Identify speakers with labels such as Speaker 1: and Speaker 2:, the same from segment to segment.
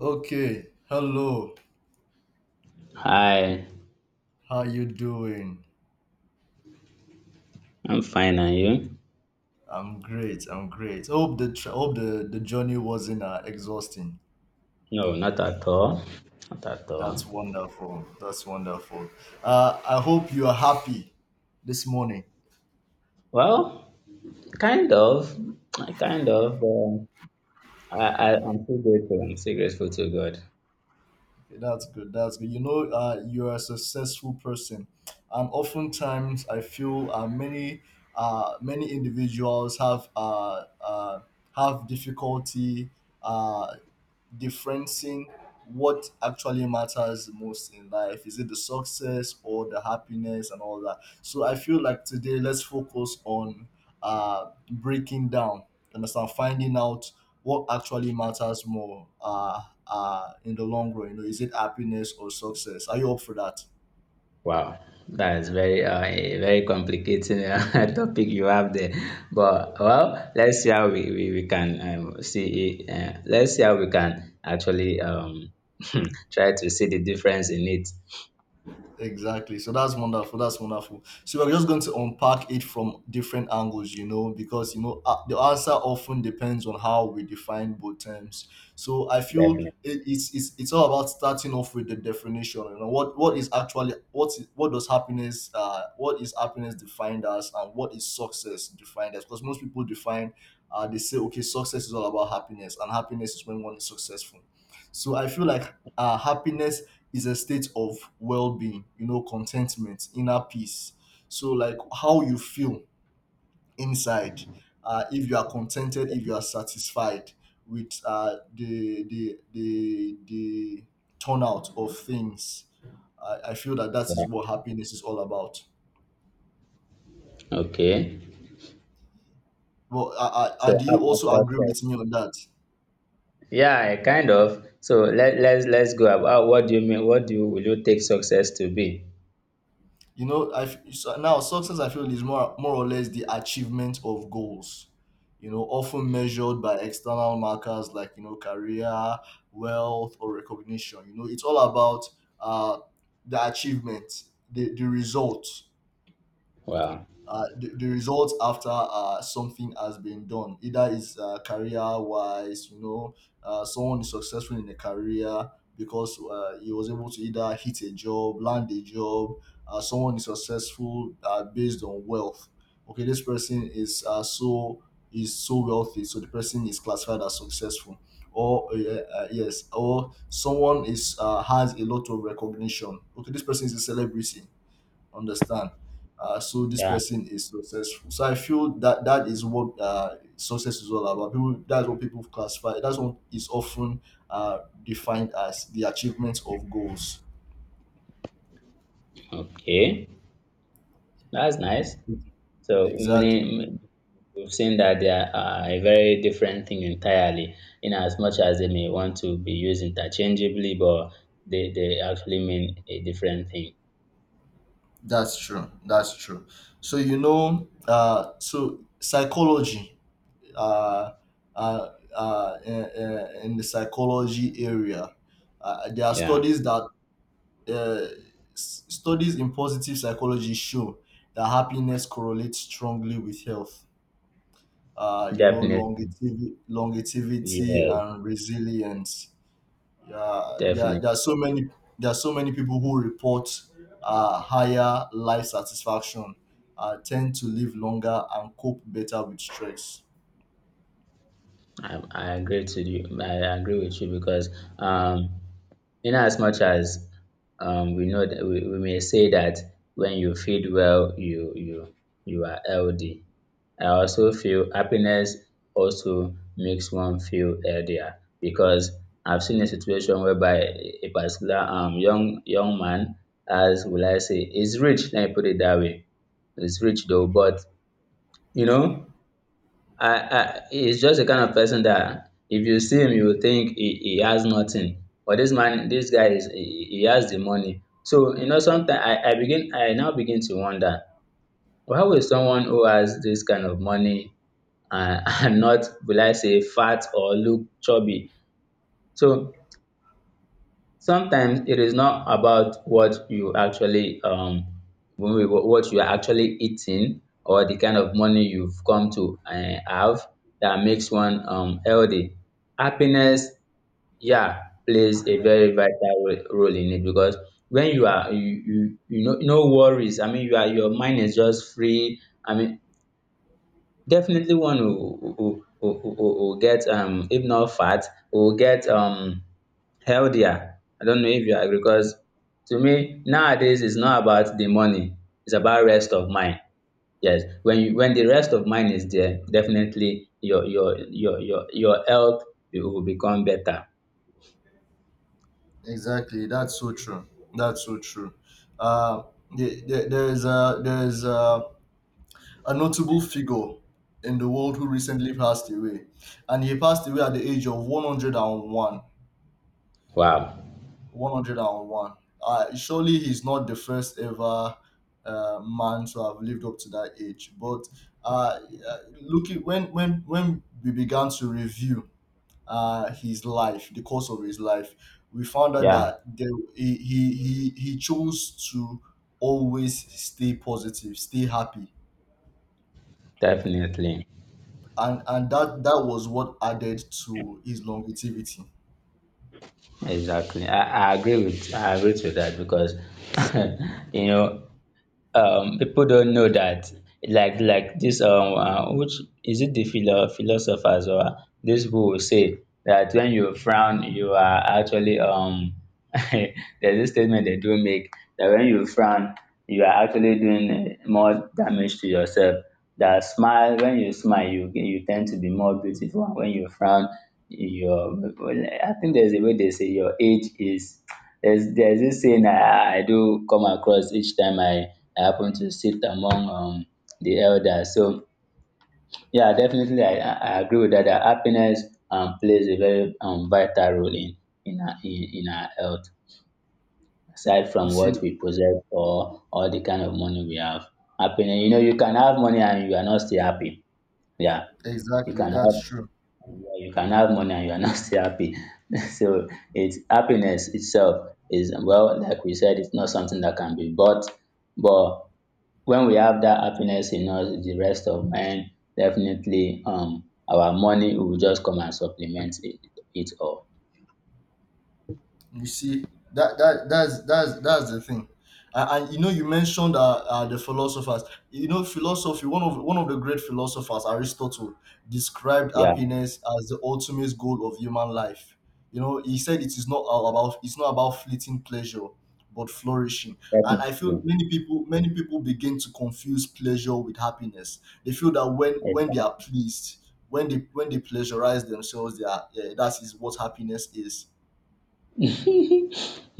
Speaker 1: Okay, hello.
Speaker 2: Hi,
Speaker 1: How you doing?
Speaker 2: I'm fine, and you?
Speaker 1: I'm great. I'm great. Hope the the journey wasn't exhausting.
Speaker 2: No, not at all. Not at all.
Speaker 1: That's wonderful. That's wonderful. I hope you are happy this morning.
Speaker 2: Well, kind of, kind of. But I'm still grateful. I'm still grateful to God.
Speaker 1: Okay, that's good. That's good. You know, you're a successful person, and oftentimes I feel many many individuals have difficulty uh, differencing what actually matters most in life. Is it the success or the happiness and all that? So I feel like today let's focus on breaking down. Understand? Finding out what actually matters more in the long run? You know, is it happiness or success? Are you up for that?
Speaker 2: Wow, that is a very complicated topic you have there. But well, let's see how we can see. Let's see how we can actually try to see the difference in it.
Speaker 1: Exactly. So that's wonderful. That's wonderful. So we're just going to unpack it from different angles, you know, because you know the answer often depends on how we define both terms. So I feel
Speaker 2: Definitely.
Speaker 1: it's it's all about starting off with the definition. You know, what is actually what is, what does happiness what is happiness defined as, and what is success defined as? Because most people define they say okay, success is all about happiness, and happiness is when one is successful. So I feel like happiness is a state of well-being, you know, contentment, inner peace. So like how you feel inside, if you are contented, if you are satisfied with the turnout of things, I feel that that is
Speaker 2: Yeah.
Speaker 1: what happiness is all about.
Speaker 2: Okay.
Speaker 1: Well, I
Speaker 2: So
Speaker 1: do
Speaker 2: how
Speaker 1: you
Speaker 2: about
Speaker 1: also agree
Speaker 2: success?
Speaker 1: with me on that?
Speaker 2: Yeah, kind of. So let's go about, what do you mean? What do you Will you take success to be?
Speaker 1: You know, so now success I feel is more or less the achievement of goals. You know, often measured by external markers like you know career, wealth, or recognition. You know, it's all about uh, the achievement, the result
Speaker 2: Wow.
Speaker 1: the results after something has been done, either is career wise, you know, someone is successful in a career because he was able to either hit a job, land a job. Uh, someone is successful based on wealth, okay, this person is so is so wealthy, so the person is classified as successful. Or yes, or someone is has a lot of recognition, okay, this person is a celebrity, understand, so this
Speaker 2: Yeah.
Speaker 1: person is successful. So I feel that that is what success is all about. People That's what people classify, that's what is often defined as the achievement of goals.
Speaker 2: Okay. That's nice. So
Speaker 1: Exactly,
Speaker 2: many We've seen that they are a very different thing entirely. In as much as they may want to be used interchangeably, but they actually mean a different thing.
Speaker 1: that's true, that's true. So you know, so psychology uh, uh, uh, in, in the psychology area, there are
Speaker 2: Yeah.
Speaker 1: studies that uh, studies in positive psychology show that happiness correlates strongly with health, you know,
Speaker 2: Definitely.
Speaker 1: longevity
Speaker 2: Yes.
Speaker 1: and resilience. Yeah,
Speaker 2: Definitely.
Speaker 1: there are so many, there are so many people who report higher life satisfaction, tend to live longer and cope better with stress.
Speaker 2: I agree to you. I agree with you because um Inasmuch as we know that we may say that when you feed well, you are healthy. I also feel happiness also makes one feel healthier, because I've seen a situation whereby a particular young man, as will I say, is rich. Let me put it that way. Is rich, though, but you know, he's just the kind of person that if you see him, you will think he has nothing. But this man, this guy, he has the money. So sometimes, I now begin to wonder, why will someone who has this kind of money and not, will I say, fat or look chubby? So sometimes it is not about what you are actually eating, or the kind of money you've come to have, that makes one healthy. Happiness, yeah, plays a very vital role in it, because when you are you you, you know, no worries. I mean, your mind is just free. I mean, definitely one will get, if not fat, will get healthier. I don't know if you agree, because to me nowadays it's not about the money, it's about rest of mind. Yes, when you when the rest of mind is there, definitely your health, it will become better.
Speaker 1: Exactly, that's so true, that's so true. Uh, there's a, there's a notable figure in the world who recently passed away, and he passed away at the age of 101.
Speaker 2: Wow.
Speaker 1: 101. Surely he's not the first ever man to have lived up to that age. But uh, looking, when we began to review his life, the course of his life, we found out
Speaker 2: Yeah,
Speaker 1: that he, he chose to always stay positive, stay happy,
Speaker 2: definitely.
Speaker 1: and that that was what added to his longevity.
Speaker 2: Exactly. I agree to that, because you know people don't know that, like this which is it, the philosophers or this, who will say that when you frown you are actually there's this statement they do make, that when you frown you are actually doing more damage to yourself, that smile, when you smile you tend to be more beautiful, and when you frown your, I think there's a way they say your age is. There's dis saying I do come across each time I happen to sit among the elders. So yeah, definitely I agree with that, that happiness plays a very vital role in our health. Aside
Speaker 1: You
Speaker 2: from
Speaker 1: see,
Speaker 2: what we possess or the kind of money we have. Happiness, you can have money and you are not still happy. Yeah, you
Speaker 1: exactly,
Speaker 2: can have
Speaker 1: that's true.
Speaker 2: Yeah, you can have money and you are not still happy. So it's, happiness itself is, well, like we said, it's not something that can be bought. But when we have that happiness in us, the rest of man, definitely our money will just come and supplement it all.
Speaker 1: You see, that's that's the thing. And you know, you mentioned the philosophers. You know, philosophy. One of the great philosophers, Aristotle, described
Speaker 2: Yeah,
Speaker 1: happiness as the ultimate goal of human life. You know, he said it's not about fleeting pleasure, but flourishing. And I feel
Speaker 2: definitely.
Speaker 1: many people begin to confuse pleasure with happiness. They feel that when they are
Speaker 2: Exactly.
Speaker 1: pleased, when they pleasurize themselves, they are eh, that is what happiness is.
Speaker 2: you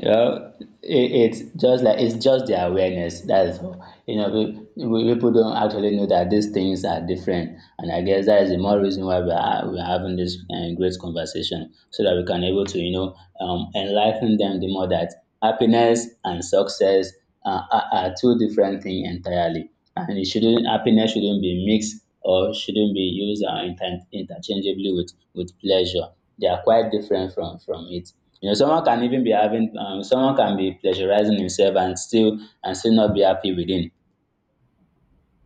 Speaker 2: know, it's just like, it's just the awareness. That's all. You know, people don't actually know that these things are different, and I guess that is the more reason why we are having this great conversation, so that we can able to, enlighten them the more, that happiness and success are two different things entirely, and it shouldn't happiness shouldn't be mixed or shouldn't be used interchangeably with pleasure. They are quite different from it. Someone can even be having, someone can be pleasurizing himself and still not be happy within.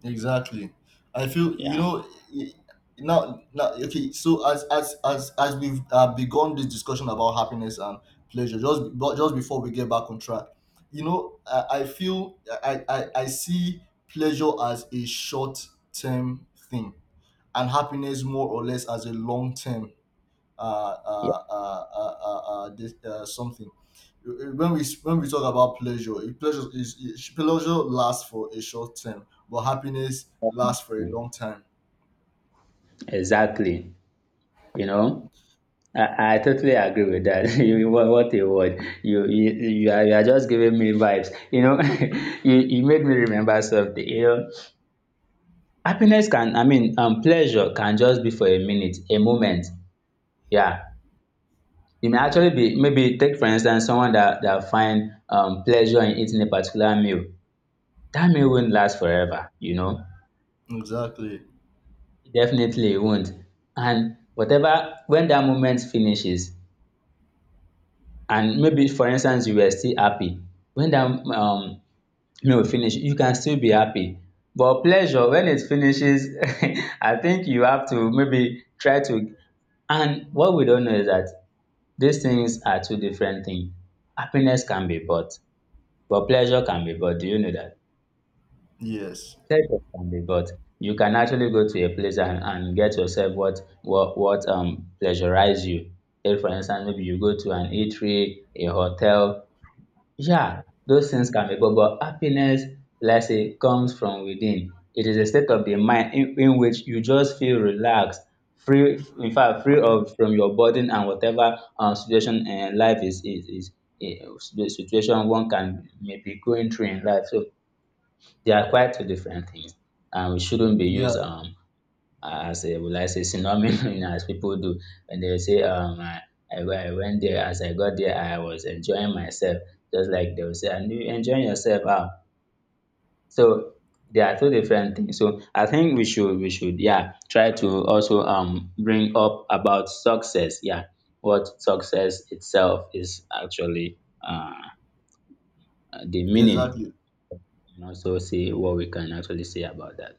Speaker 1: Exactly. I feel you
Speaker 2: Yeah,
Speaker 1: know, i- now okay, so as we've begun this discussion about happiness and pleasure, just, but just before we get back on track, you know, I feel I see pleasure as a short term thing, and happiness more or less as a long term
Speaker 2: yeah,
Speaker 1: something. When we talk about pleasure, pleasure lasts for a short time, but happiness lasts for a long
Speaker 2: Mm.
Speaker 1: time.
Speaker 2: Exactly. You know, I totally agree with that. What a word. You are just giving me vibes. You made me remember something. You know, happiness can I mean Pleasure can just be for a minute, a moment. Yeah. It may actually be Maybe take for instance someone that find pleasure in eating a particular meal, that meal won't last forever.
Speaker 1: Exactly.
Speaker 2: Definitely it won't. And whatever, when that moment finishes, and maybe for instance you were still happy, when that meal finish, you can still be happy. But pleasure, when it finishes, I think you have to maybe try to, and what we don't know is that these things are two different things. Happiness can be bought, but pleasure can be bought. Do you know that?
Speaker 1: Yes.
Speaker 2: Type of candy, but you can actually go to a place and get yourself what pleasurize you. Take for instance, maybe you go to an eatery, a hotel. Yeah, those things can be good, but happiness, let's say, comes from within. It is a state of the mind in which you just feel relaxed, free, in fact, free of from your burden and whatever situation in life eh, the situation one can may be going through in life. So they are quite two different things, and we shouldn't be
Speaker 1: Yeah.
Speaker 2: used as a, will I say, synonym as people do, when they say, I went there, as I got there I was enjoying myself, just like they will say, and you enjoying yourself, how? So they are two different things. So I think we should, yeah, try to also bring up about success, yeah, what success itself is actually, uh the meaning,
Speaker 1: Exactly.
Speaker 2: and also see what we can actually say about that.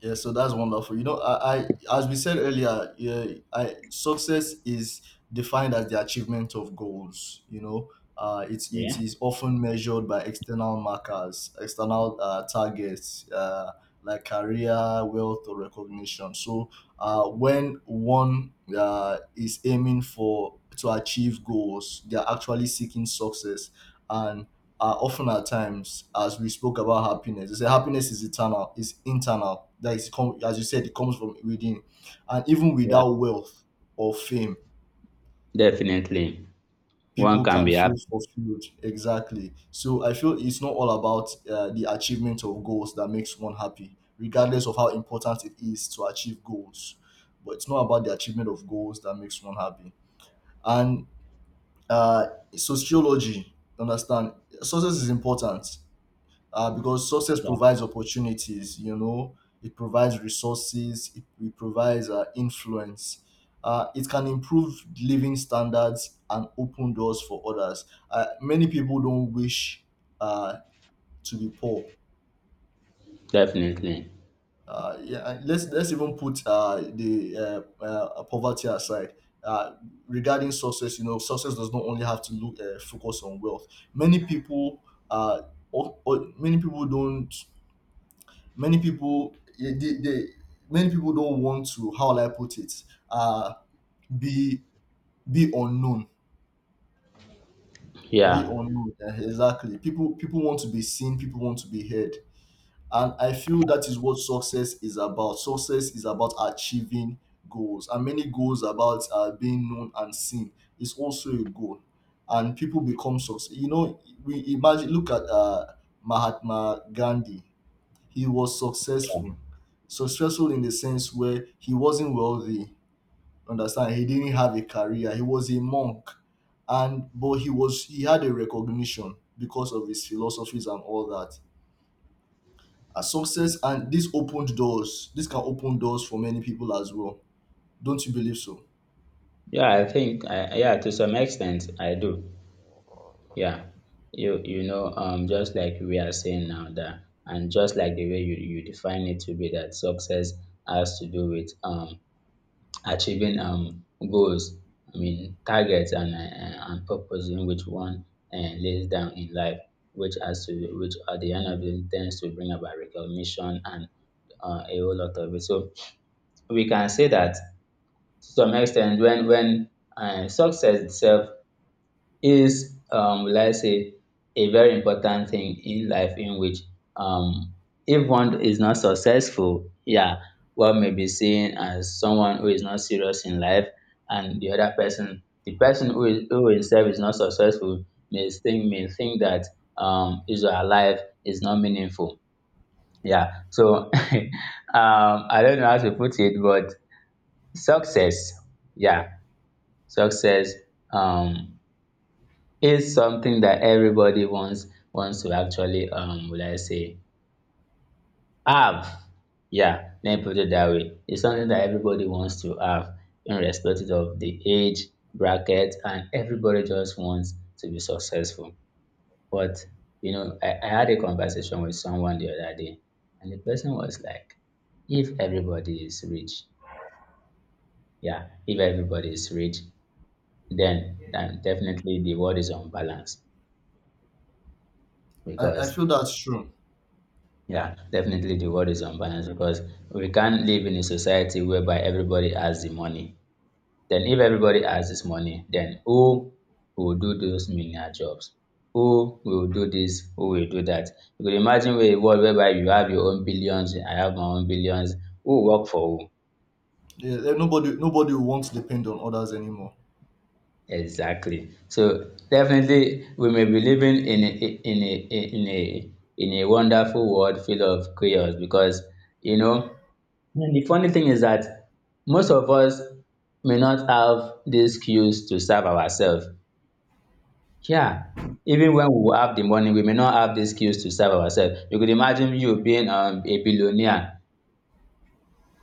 Speaker 1: Yeah, so that's wonderful. You know, I as we said earlier, yeah, I success is defined as the achievement of goals. You know, it
Speaker 2: Yeah.
Speaker 1: is often measured by external markers, external targets, like career, wealth, or recognition. So, when one is aiming for to achieve goals, they are actually seeking success, and often at times, as we spoke about happiness, they say happiness is eternal, is internal. That is, as you said, it comes from within. And even
Speaker 2: Yeah.
Speaker 1: without wealth or fame,
Speaker 2: Definitely. One
Speaker 1: people
Speaker 2: can
Speaker 1: can
Speaker 2: be
Speaker 1: feel
Speaker 2: happy.
Speaker 1: fulfilled. Exactly. So I feel it's not all about the achievement of goals that makes one happy, regardless of how important it is to achieve goals. But it's not about the achievement of goals that makes one happy. And uh, sociology, understand, success is important because success
Speaker 2: Yeah,
Speaker 1: provides opportunities, you know, it provides resources, it provides influence, it can improve living standards and open doors for others. Uh, many people don't wish uh, to be poor.
Speaker 2: definitely.
Speaker 1: Uh, yeah, and let's even put the poverty aside. Uh, regarding success, you know, success does not only have to look focus on wealth. many people uh, Many people don't, many people yeah, they many people don't want to, how will I put it, uh be be unknown, be
Speaker 2: Yeah.
Speaker 1: unknown, eh, exactly, people, people want to be seen, people want to be heard. And I feel that is what success is about. Success is about achieving goals, and many goals about being known and seen is also a goal, and people become success. You know, we imagine, look at Mahatma Gandhi. He was successful. Successful in the sense where he wasn't wealthy. Understand? He didn't have a career. He was a monk, and but he was, he had a recognition because of his philosophies and all that. A success, and this opened doors. This can open doors for many people as well. Don't you believe so?
Speaker 2: Yeah, I think I yeah, to some extent I do. Yeah. Just like we are saying now, that and just like the way you define it to be, that success has to do with achieving goals, I mean targets and purpose in which one and lays down in life, which has to which at the end of it tends to bring about recognition and a whole lot of it. So we can say that to some extent, when success itself is, will I say, a very important thing in life, in which um if one is not successful, yeah, one may be seen as someone who is not serious in life, and the person, who himself is not successful, may think that his or her life is not meaningful. Yeah. So I don't know how to put it, but success, yeah, success um, is something that everybody wants to actually, will I say, have. Yeah, let me put it that way. It's something that everybody wants to have, irrespective of the age bracket, and everybody just wants to be successful. But I had a conversation with someone the other day, and the person was like, "If everybody is rich, yeah, if everybody is rich, then definitely the world is unbalanced,
Speaker 1: I
Speaker 2: because
Speaker 1: feel that's true.
Speaker 2: yeah, definitely the world is unbalanced, because we can't live in a society whereby everybody has the money. Then if everybody has this money, then who will do those menial jobs? Who will do this? Who will do that? You could imagine, where a world whereby you have your own billions, I have my own billions, who will work for who?"
Speaker 1: Yeah, eh, nobody wants to depend on others anymore.
Speaker 2: Exactly. So definitely, we may be living in a wonderful world full of chaos, because you know. And the funny thing is that most of us may not have these skills to serve ourselves. Yeah, even when we have the money, we may not have these skills to serve ourselves. You could imagine, you being a billionaire,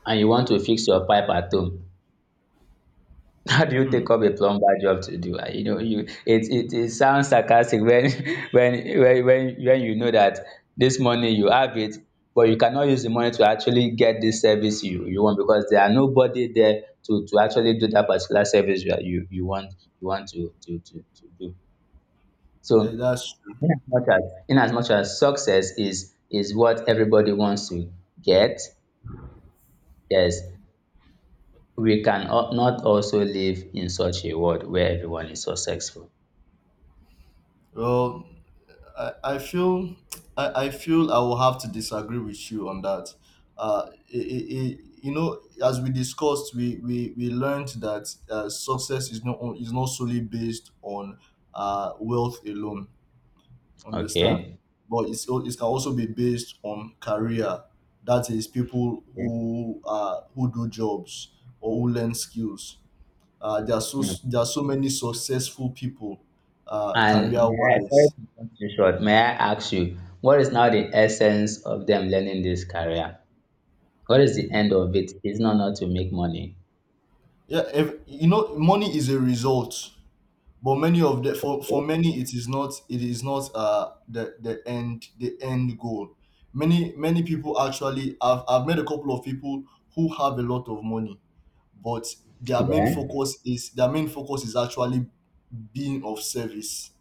Speaker 2: and you want to fix your pipe at home. How do you
Speaker 1: Hmm.
Speaker 2: take up a plumber job to do? It sounds sarcastic when when you know that this money you have it, but you cannot use the money to actually get this service you want because there are nobody there to actually do that particular service you want to do.
Speaker 1: Eh,
Speaker 2: So
Speaker 1: that's true.
Speaker 2: in as much as in as much as success is what everybody wants to get, yes, we can al- not also live in such a world where everyone is so successful.
Speaker 1: Well, I feel I feel I will have to disagree with you on that. Uh, i i you know, as we discussed, we learned that success is not on- is not solely based on wealth alone. Understand,
Speaker 2: Okay.
Speaker 1: but it can also be based on career. That is, people
Speaker 2: Okay.
Speaker 1: who do jobs or who learn skills.
Speaker 2: Hmm.
Speaker 1: There are so many successful people,
Speaker 2: And
Speaker 1: career
Speaker 2: may I, sorry
Speaker 1: wise.
Speaker 2: to cut you short, may I ask you, what is now the essence of them learning this career? What is the end of it? It's not to make money.
Speaker 1: Yeah, if, you know, money is a result, but many of the for many, it is not, it is not the end, the end goal. Many people, actually, I've met a couple of people who have a lot of money, but
Speaker 2: Yeah.
Speaker 1: their main focus is actually being of service.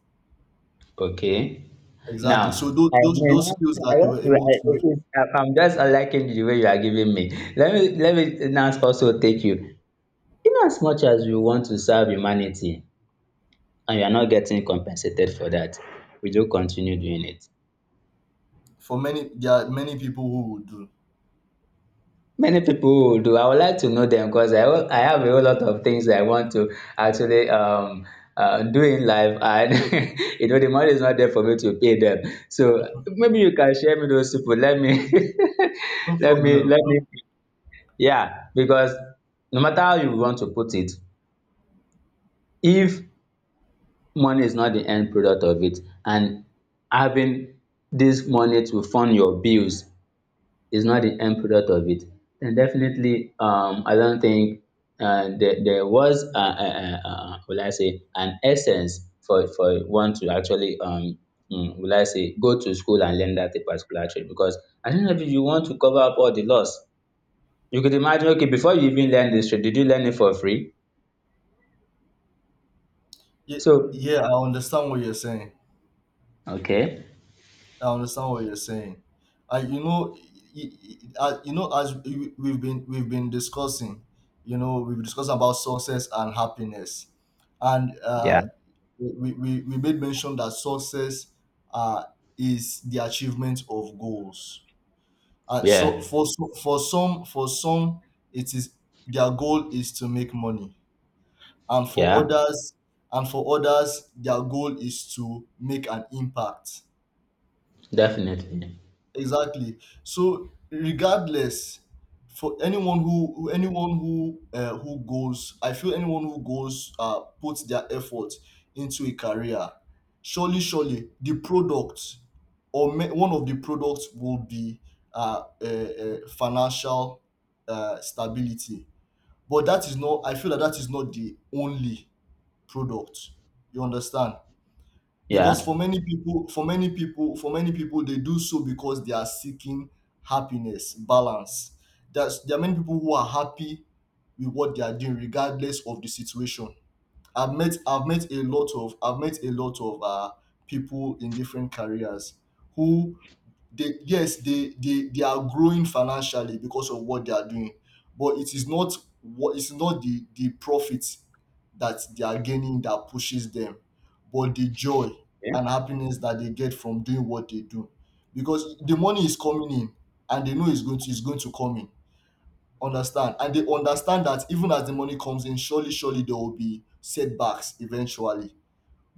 Speaker 2: Okay.
Speaker 1: Exactly. So
Speaker 2: Now, I mean,
Speaker 1: those skills
Speaker 2: I
Speaker 1: that they were
Speaker 2: want to,
Speaker 1: able
Speaker 2: I,
Speaker 1: to,
Speaker 2: it is, I'm just liking the way you are giving me. Let me now also take you. In as much as you want to serve humanity and you are not getting compensated for that, will you continue doing it?
Speaker 1: for many, there are many people who would do.
Speaker 2: Many people will do. I would like to know them because I have a whole lot of things that I want to actually do in life, and you know the money is not there for me to pay them. So maybe you can share me those people.
Speaker 1: No problem.
Speaker 2: Let me.
Speaker 1: No,
Speaker 2: Yeah, because no matter how you want to put it, if money is not the end product of it, and having this money to fund your bills is not the end product of it, then definitely I don't think there was, will I say, an essence for one to actually, will I say, go to school and learn that a particular trade because at the end of it, you want to cover up all the loss. You could imagine, okay, before you even learn this trade, did you learn it for free?
Speaker 1: yeah,
Speaker 2: So,
Speaker 1: yeah, I understand what you're saying.
Speaker 2: okay,
Speaker 1: I understand what you're saying. You know, y- y- you know, as we've been, we've been discussing, you know, we've discussed about success and happiness, and
Speaker 2: yeah,
Speaker 1: we made mention that success uh, is the achievement of goals. So
Speaker 2: yeah,
Speaker 1: for for some, for some it is, their goal is to make money, and for
Speaker 2: yeah,
Speaker 1: others, and for others their goal is to make an impact.
Speaker 2: definitely,
Speaker 1: Exactly. So regardless, for anyone who anyone who goes, I feel anyone who goes puts their effort into a career, surely, surely the product or one of the products will be financial stability. But that is not. I feel that that is not the only product. You understand? Because for
Speaker 2: yeah,
Speaker 1: many people for many people for many people they do so because they are seeking happiness balance. That's there are many people who are happy with what they are doing regardless of the situation. I've met I've met a lot of I've met a lot of people in different careers who, they, yes, they are growing financially because of what they are doing, but it is not what it's not the profit that they are gaining that pushes them, but the joy
Speaker 2: yeah.
Speaker 1: and happiness that they get from doing what they do, because the money is coming in, and they know it's going to come in. Understand? And they understand that even as the money comes in, surely there will be setbacks eventually,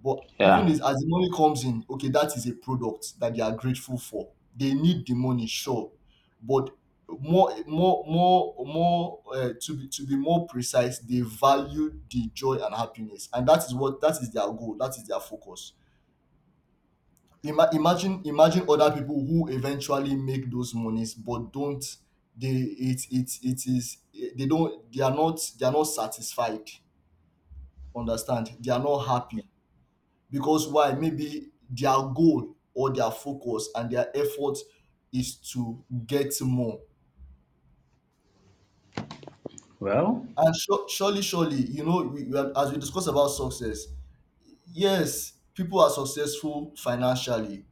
Speaker 1: but even
Speaker 2: Yeah.
Speaker 1: is as the money comes in, okay, that is a product that they are grateful for. They need the money, sure, but more. To be more precise, they value the joy and happiness, and that is their goal. That is their focus. Imagine other people who eventually make those monies, but don't they? It is they are not satisfied. Understand? They are not happy. Because why? Maybe their goal or their focus and their effort is to get more.
Speaker 2: Well,
Speaker 1: And sure, surely you know, as we discuss about success, yes, people are successful financially,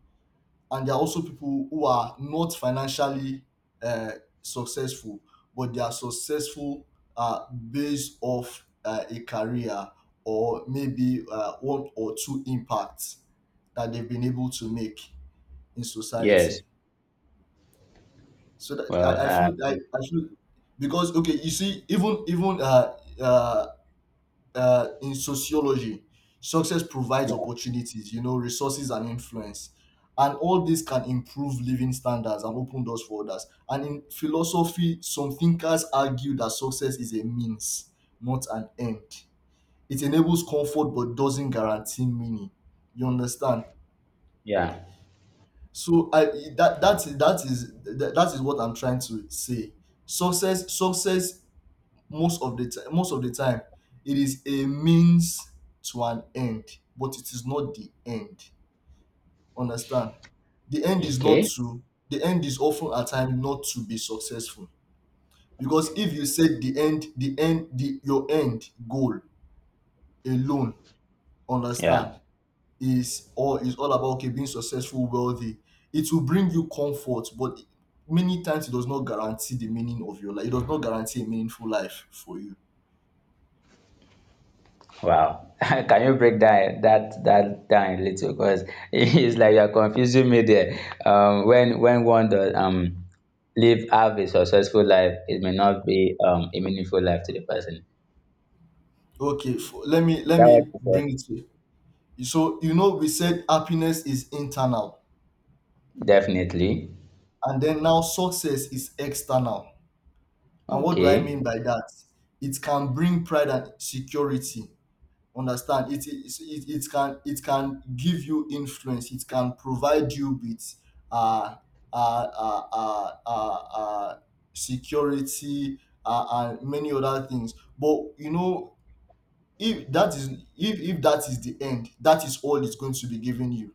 Speaker 1: and there are also people who are not financially uh, successful, but they are successful based off a career, or maybe one or two impacts that they've been able to make in
Speaker 2: yes,
Speaker 1: society. So that
Speaker 2: well,
Speaker 1: I, I feel I, I feel because, okay, you see, even even in sociology, success provides opportunities, you know, resources and influence, and all this can improve living standards and open doors for others. And in philosophy, some thinkers argue that success is a means, not an end. It enables comfort but doesn't guarantee meaning. You understand?
Speaker 2: yeah.
Speaker 1: So I, that is what I'm trying to say. Success, most of the time it is a means to an end, but it is not the end. Understand? The end is not
Speaker 2: Okay.
Speaker 1: to the end is often a time not to be successful. Because if you set the your end goal alone,
Speaker 2: Yeah.
Speaker 1: understand, is all about, okay, being successful, wealthy. It will bring you comfort, but many times it does not guarantee the meaning of your life. It does not guarantee a meaningful life for you.
Speaker 2: Wow. Can you break down that down a little? Because it's like you're confusing me there. When one does live have a successful life, it may not be a meaningful life to the person.
Speaker 1: Okay, let me
Speaker 2: Is
Speaker 1: let
Speaker 2: that what
Speaker 1: me
Speaker 2: you said?
Speaker 1: bring it here. So you know we said happiness is internal,
Speaker 2: Definitely.
Speaker 1: and then now success is external. And what do I mean
Speaker 2: Okay.
Speaker 1: by that? It can bring pride and security. Understand it. It can, it can give you influence, it can provide you with uh uh uh uh, uh, uh security uh, and many other things. But you know, if that is, if that is the end, that is all it's going to be giving you.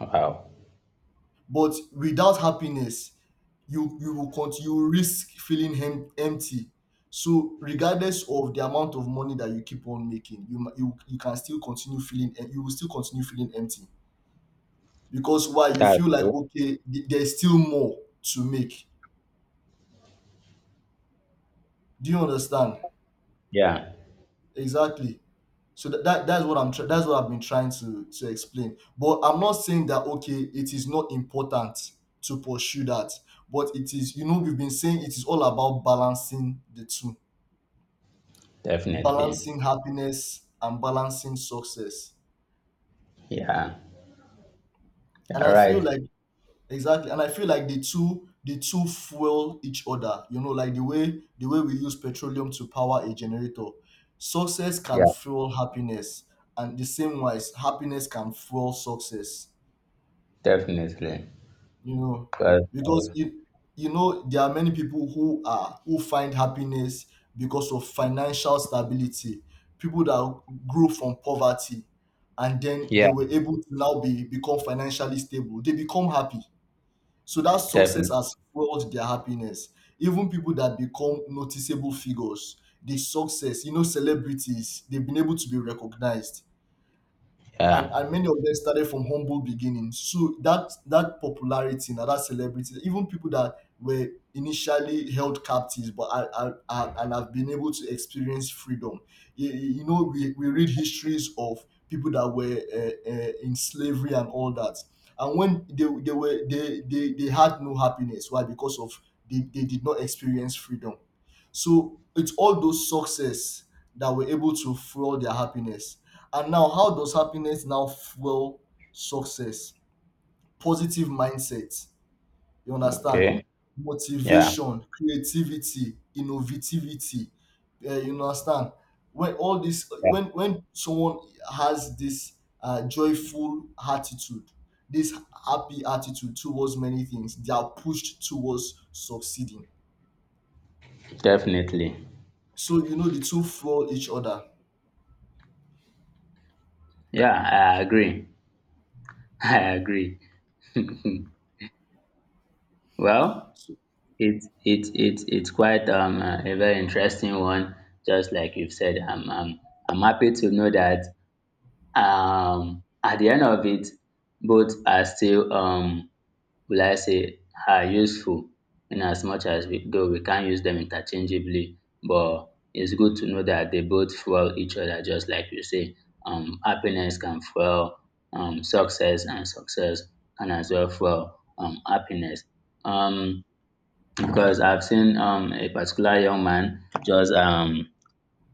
Speaker 2: Wow.
Speaker 1: But without happiness, you will continue, you will risk feeling hem empty. So regardless of the amount of money that you keep on making, you can still continue feeling you will still continue feeling empty. Because why? You
Speaker 2: That's
Speaker 1: feel like,
Speaker 2: cool.
Speaker 1: okay, there's still more to make. Do you understand?
Speaker 2: Yeah.
Speaker 1: Exactly. So that's what that's what I've been trying to explain. But I'm not saying that, okay, it is not important to pursue that, but it is, you know, we've been saying, it is all about balancing the two,
Speaker 2: Definitely.
Speaker 1: balancing happiness and balancing success.
Speaker 2: Yeah.
Speaker 1: And
Speaker 2: Yeah.
Speaker 1: I feel
Speaker 2: Right.
Speaker 1: like, exactly, and I feel like the two fuel each other. You know, like the way we use petroleum to power a generator, success can
Speaker 2: Yeah.
Speaker 1: fuel happiness, and the same wise, happiness can fuel success.
Speaker 2: Definitely.
Speaker 1: You know,
Speaker 2: 'Cause,
Speaker 1: because you know there are many people who are who find happiness because of financial stability. People that grew from poverty and then they
Speaker 2: yeah.
Speaker 1: were able to now be become financially stable, they become happy. So that success
Speaker 2: Definitely.
Speaker 1: has fueled their happiness. Even people that become noticeable figures, the success, you know, celebrities, they've been able to be recognized, and
Speaker 2: Yeah.
Speaker 1: many of them started from humble beginnings. So that that popularity, now that celebrity, even people that were initially held captives, but are and have been able to experience freedom. You know, we read histories of people that were in slavery and all that, and when they were they had no happiness. Why? Because of, they did not experience freedom. So it's all those success that were able to fuel their happiness. And now, how does happiness now fuel success? Positive mindset, you understand?
Speaker 2: Okay. Yeah.
Speaker 1: Motivation, creativity, innovativity, you understand? When all this,
Speaker 2: Yeah.
Speaker 1: when someone has this joyful attitude, this happy attitude towards many things, they are pushed towards succeeding.
Speaker 2: Definitely.
Speaker 1: So you know the two fuel each other.
Speaker 2: Yeah, I agree. I agree. Well,
Speaker 1: So-
Speaker 2: it's quite a very interesting one. Just like you've said, I'm happy to know that at the end of it, both are still will I say are useful in as much as we though we can't use them interchangeably, but it's good to know that they both fuel each other, just like you say. Happiness can fuel success, and success can as well fuel happiness. Um, because I've seen a particular young man just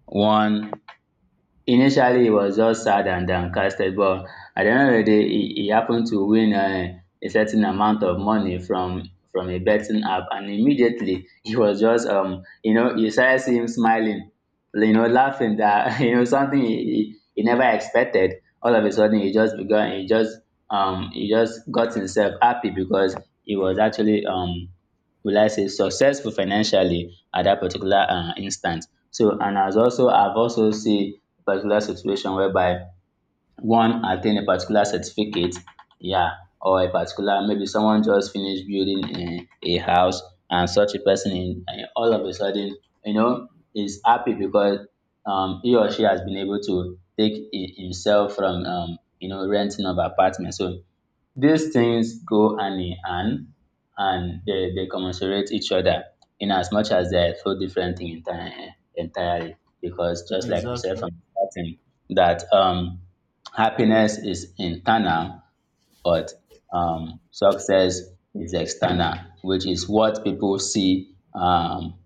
Speaker 2: one Initially, it was just sad and downcasted, but at the end of the day, he happened to win a certain amount of money from a betting app, and immediately he was just you know you started seeing him smiling, you know laughing that you know something he never expected. All of a sudden, he just got himself happy because he was actually will I say, successful financially at that particular instant. So, and as also, I've also seen a particular situation whereby one attain a particular certificate, yeah, or a particular, maybe someone just finished building a house and such a person in all of a sudden, you know, is happy because he or she has been able to take himself from you know renting of apartment. So these things go hand in hand and they commensurate each other in as much as they are so different in entirely because just like we said
Speaker 1: exactly,
Speaker 2: from the starting that happiness is internal but success is external which is what people see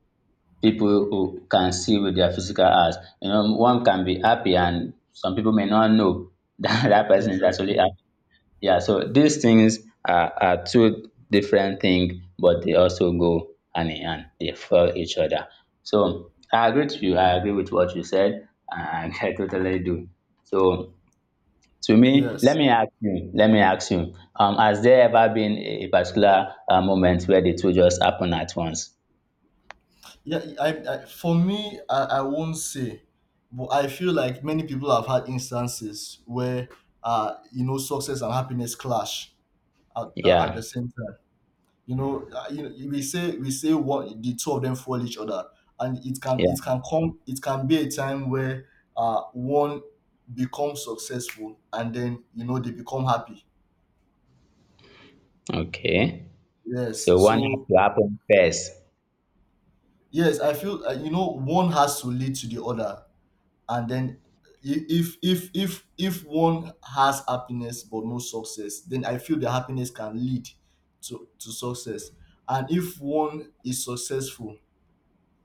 Speaker 2: people who can see with their physical eyes you know one can be happy and some people may not know that that person is actually
Speaker 1: exactly.
Speaker 2: happy. Yeah, so these things are two different things, but they also go hand in hand. They follow each other. So I agree to you. I agree with what you said. And I totally do. So to me, let
Speaker 1: Yes.
Speaker 2: me ask you. Let me ask you. Has there ever been a particular moment where the two just happen at once?
Speaker 1: Yeah, I for me, I won't say, but I feel like many people have had instances where, you know, success and happiness clash at
Speaker 2: Yeah.
Speaker 1: the same time. You know, we say one the two of them follow each other, and
Speaker 2: Yeah.
Speaker 1: it can be a time where one becomes successful and then you know they become happy.
Speaker 2: Okay.
Speaker 1: Yes,
Speaker 2: So one has
Speaker 1: so
Speaker 2: to happen first.
Speaker 1: yes, I feel, you know, one has to lead to the other, and then if if one has happiness but no success, then I feel the happiness can lead to success. And if one is successful,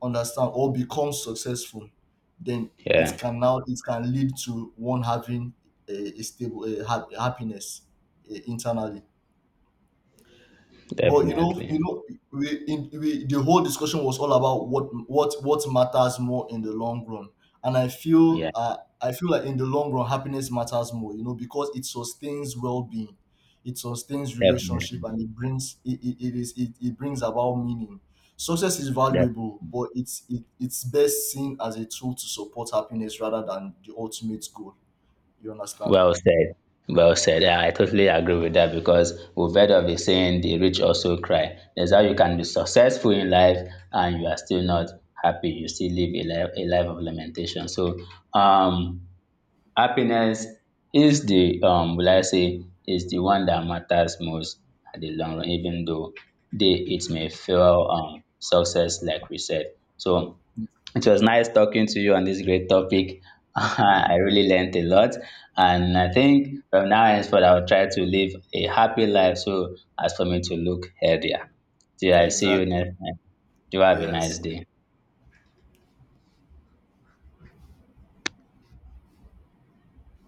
Speaker 1: understand, or becomes successful, then it
Speaker 2: Yeah.
Speaker 1: can now, it can lead to one having a stable happiness, eh, internally. But
Speaker 2: Definitely.
Speaker 1: you know, we, the whole discussion was all about what matters more in the long run, and
Speaker 2: Yeah.
Speaker 1: I feel like in the long run, happiness matters more. You know, because it sustains well being, it sustains relationship,
Speaker 2: Definitely.
Speaker 1: and it brings, it brings about meaning. Success is valuable, but it, it's best seen as a tool to support happiness rather than the ultimate goal. You understand?
Speaker 2: Well said. Well said. Yeah, I totally agree with that because we've heard of the saying, the rich also cry. That's how you can be successful in life and you are still not happy. You still live a life of lamentation. So, um, happiness is the, will I say, is the one that matters most at the long run, even though they, it may feel success, like we said. So, it was nice talking to you on this great topic. I really learned a lot. And I think from now henceforth, I'll try to live a happy life so as for me to look healthier. Till I see you
Speaker 1: Exactly.
Speaker 2: next time. Do have a nice
Speaker 1: Yes.
Speaker 2: day.